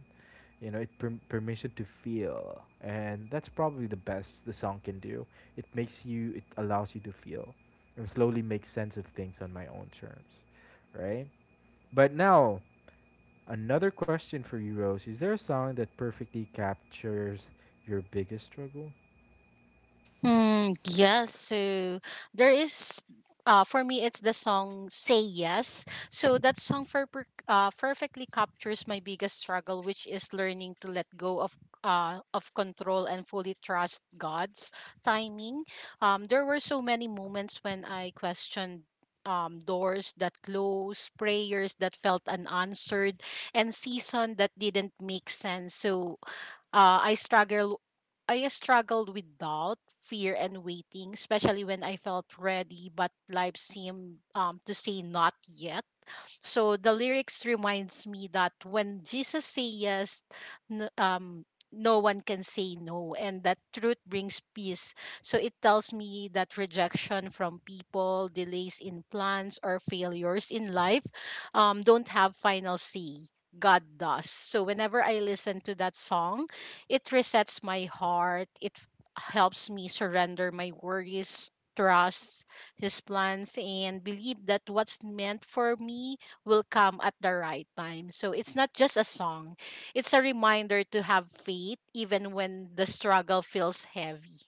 A: You know, it permission to feel, and that's probably the best the song can do. It allows you to feel, and slowly make sense of things on my own terms, right? But now, another question for you, Rose: is there a song that perfectly captures your biggest struggle?
B: Mm, yes. So there is, for me, it's the song "Say Yes." So that song perfectly captures my biggest struggle, which is learning to let go of control and fully trust God's timing. There were so many moments when I questioned. Doors that closed, prayers that felt unanswered, and season that didn't make sense. So, uh, I struggle I struggled with doubt, fear and waiting, especially when I felt ready but life seemed to say not yet. So the lyrics reminds me that when Jesus say yes, n- um, no one can say no, and that truth brings peace. So it tells me that rejection from people, delays in plans, or failures in life, don't have final say. God does. So whenever I listen to that song, it resets my heart. It helps me surrender my worries, trust His plans, and believe that what's meant for me will come at the right time. So it's not just a song, it's a reminder to have faith even when the struggle feels heavy.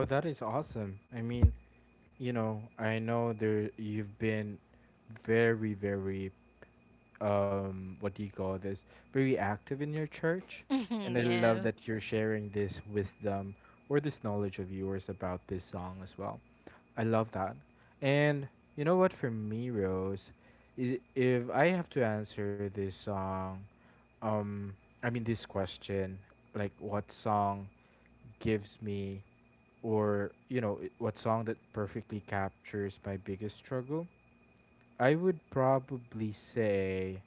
A: Oh, that is awesome. I mean, you know, I know there you've been very, very what do you call this, very active in your church, and
B: Mhm,
A: I love
B: yes.
A: that you're sharing this wisdom or this knowledge of yours about this song as well. I love that. And you know what, for me, Rose, is if I have to answer this song, um, I mean this question, like what song gives me, or you know what song that perfectly captures my biggest struggle, I would probably say,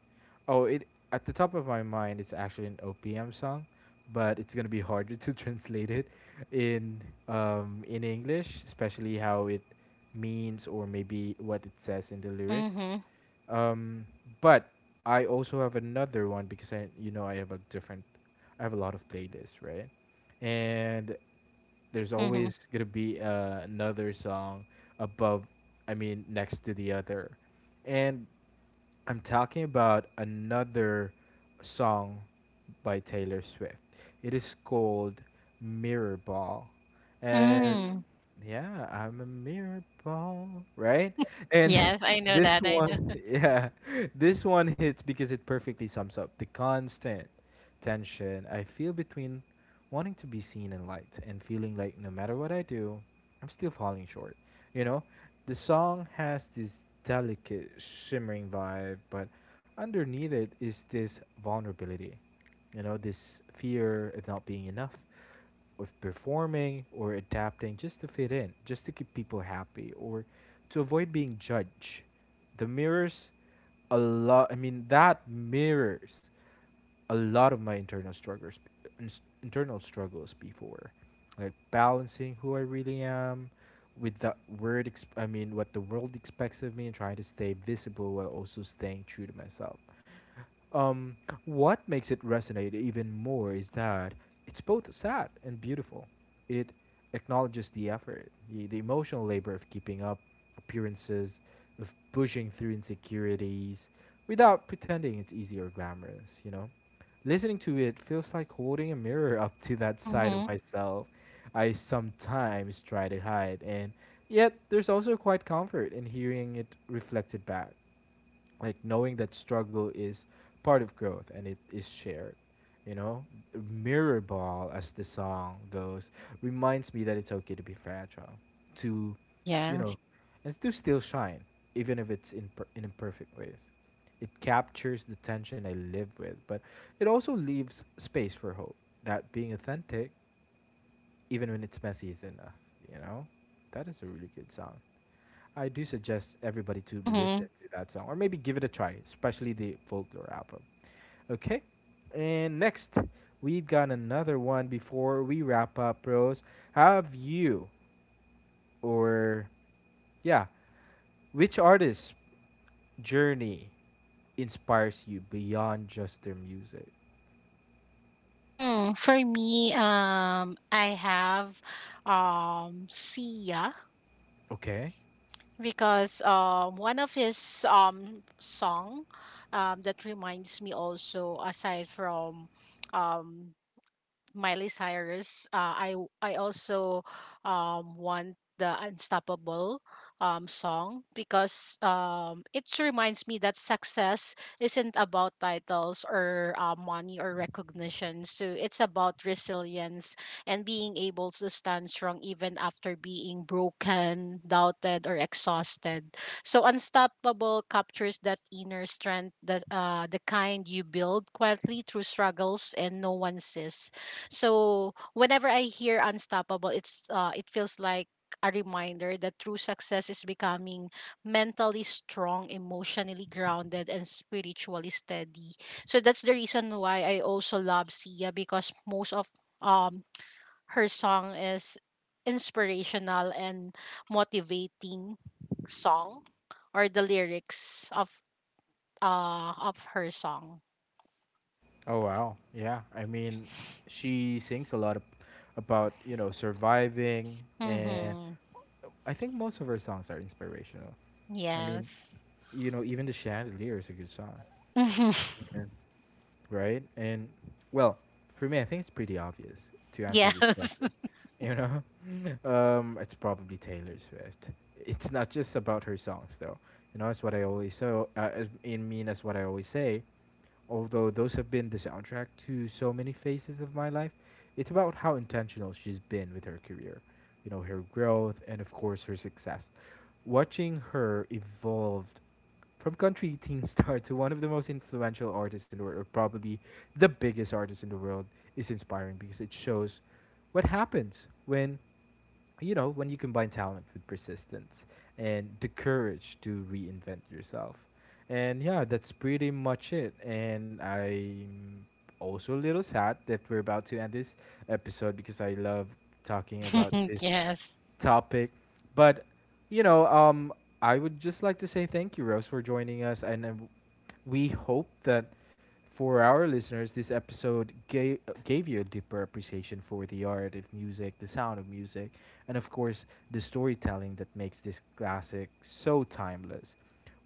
A: oh, it at the top of my mind, it's actually an OPM song, but it's gonna be harder to translate it in in English, especially how it means or maybe what it says in the lyrics.
B: Mm-hmm.
A: Um, but I also have another one because you know, I have I have a lot of playlists, right? And there's
B: Mm-hmm.
A: always gonna be another song above, I mean, next to the other, and I'm talking about another song by Taylor Swift. It is called Mirror Ball. And
B: Mm.
A: yeah, I'm a mirror ball, right? And
B: Yes, I know
A: this
B: that. I know.
A: one, yeah, this one hits because it perfectly sums up the constant tension I feel between wanting to be seen and liked and feeling like no matter what I do, I'm still falling short. You know, the song has this delicate, shimmering vibe, but underneath it is this vulnerability. You know, this fear of not being enough, of performing or adapting just to fit in, just to keep people happy, or to avoid being judged. The mirrors a lot, I mean, that mirrors a lot of my internal struggles before, like balancing who I really am with the word ex- I mean what the world expects of me, and trying to stay visible while also staying true to myself. Um, what makes it resonate even more is that it's both sad and beautiful. It acknowledges the effort, the emotional labor of keeping up appearances, of pushing through insecurities without pretending it's easy or glamorous, you know. Listening to it feels like holding a mirror up to that side of
B: Mm-hmm.
A: myself I sometimes try to hide, and yet there's also quite comfort in hearing it reflected back, like knowing that struggle is part of growth and it is shared, you know. Mirror Ball, as the song goes, reminds me that it's okay to be fragile, to, you
B: Yes.
A: know, and to still shine even if it's in imperfect ways. It captures the tension I live with, but it also leaves space for hope that being authentic, even when it's messy, is enough, you know. That is a really good song. I do suggest everybody to listen
B: Mm-hmm.
A: to that song or maybe give it a try, especially the Folklore album. Okay? And next, we've got another one before we wrap up, Rose. Have you, or yeah, which artist's journey inspires you beyond just their music?
B: Mm. For me, I have Sia
A: Okay.
B: because one of his song that reminds me also aside from um Miley Cyrus. I also want the Unstoppable song because it reminds me that success isn't about titles or, money or recognition. So it's about resilience and being able to stand strong even after being broken, doubted, or exhausted. So Unstoppable captures that inner strength, that the kind you build quietly through struggles and no one sees. So whenever I hear unstoppable, it feels like a reminder that true success is becoming mentally strong, emotionally grounded, and spiritually steady. So that's the reason why I also love Sia because most of um her song is inspirational and motivating song, or the lyrics of her song.
A: Oh, wow. Yeah. I mean, she sings about, you know, surviving, and
B: Mm-hmm.
A: I think most of her songs are inspirational. I mean,
B: Yes.
A: you know, even the Chandelier is a good song, right? And well, for me, I think it's pretty obvious to answer this
B: Yes.
A: question. You know, it's probably Taylor Swift. It's not just about her songs, though. You know, that's what I always so as- in mean that's what I always say. Although those have been the soundtrack to so many phases of my life, it's about how intentional she's been with her career. You know, her growth and of course her success, watching her evolve from country teen star to one of the most influential artists in the world, or probably the biggest artist in the world, is inspiring because it shows what happens when, you know, when you combine talent with persistence and the courage to reinvent yourself. And yeah, that's pretty much it. And I'm also a little sad that we're about to end this episode because I love talking about this
B: Yes.
A: topic. But you know, I would just like to say thank you, Rose, for joining us, and we hope that for our listeners, gave you a deeper appreciation for the art of music, the sound of music, and of course, the storytelling that makes this classic so timeless.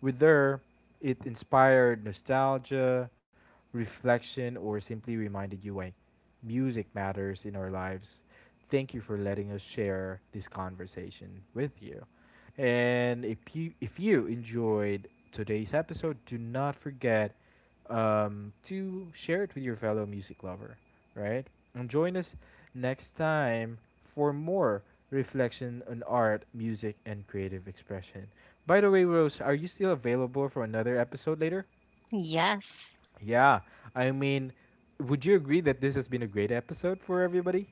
A: With her, it inspired nostalgia, reflection, or simply reminded you why music matters in our lives. Thank you for letting us share this conversation with you. And if you enjoyed today's episode, do not forget to share it with your fellow music lover, right? And join us next time for more reflection on art, music, and creative expression. By the way, Rose, are you still available for another episode later?
B: Yes.
A: Yeah, I mean, would you agree that this has been a great episode for everybody?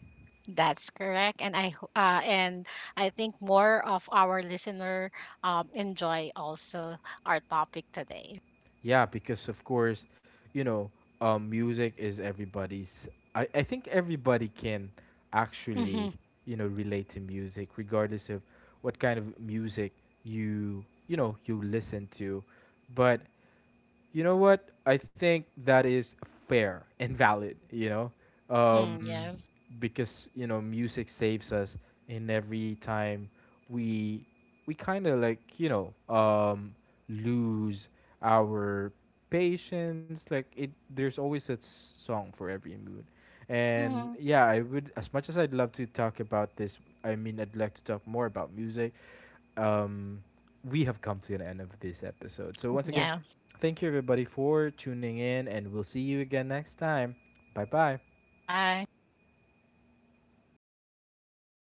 B: That's correct. And I think more of our listener enjoy also our topic today.
A: Yeah, because of course, you know, music is everybody's. I think everybody can actually,
B: Mhm.
A: you know, relate to music, regardless of what kind of music you know, you listen to. But you know what? I think that is fair and valid, you know?
B: Mhm.
A: Um,
B: Yes.
A: because, you know, music saves us in every time we we kind of like, you know, lose our patience. Like it there's always a song for every mood. And
B: Mhm.
A: yeah, I would, as much as I'd love to talk about this, I mean, I'd like to talk more about music um, we have come to an end of this episode. So, once again,
B: Yes.
A: thank you everybody for tuning in, and we'll see you again next time. Bye bye.
B: Bye.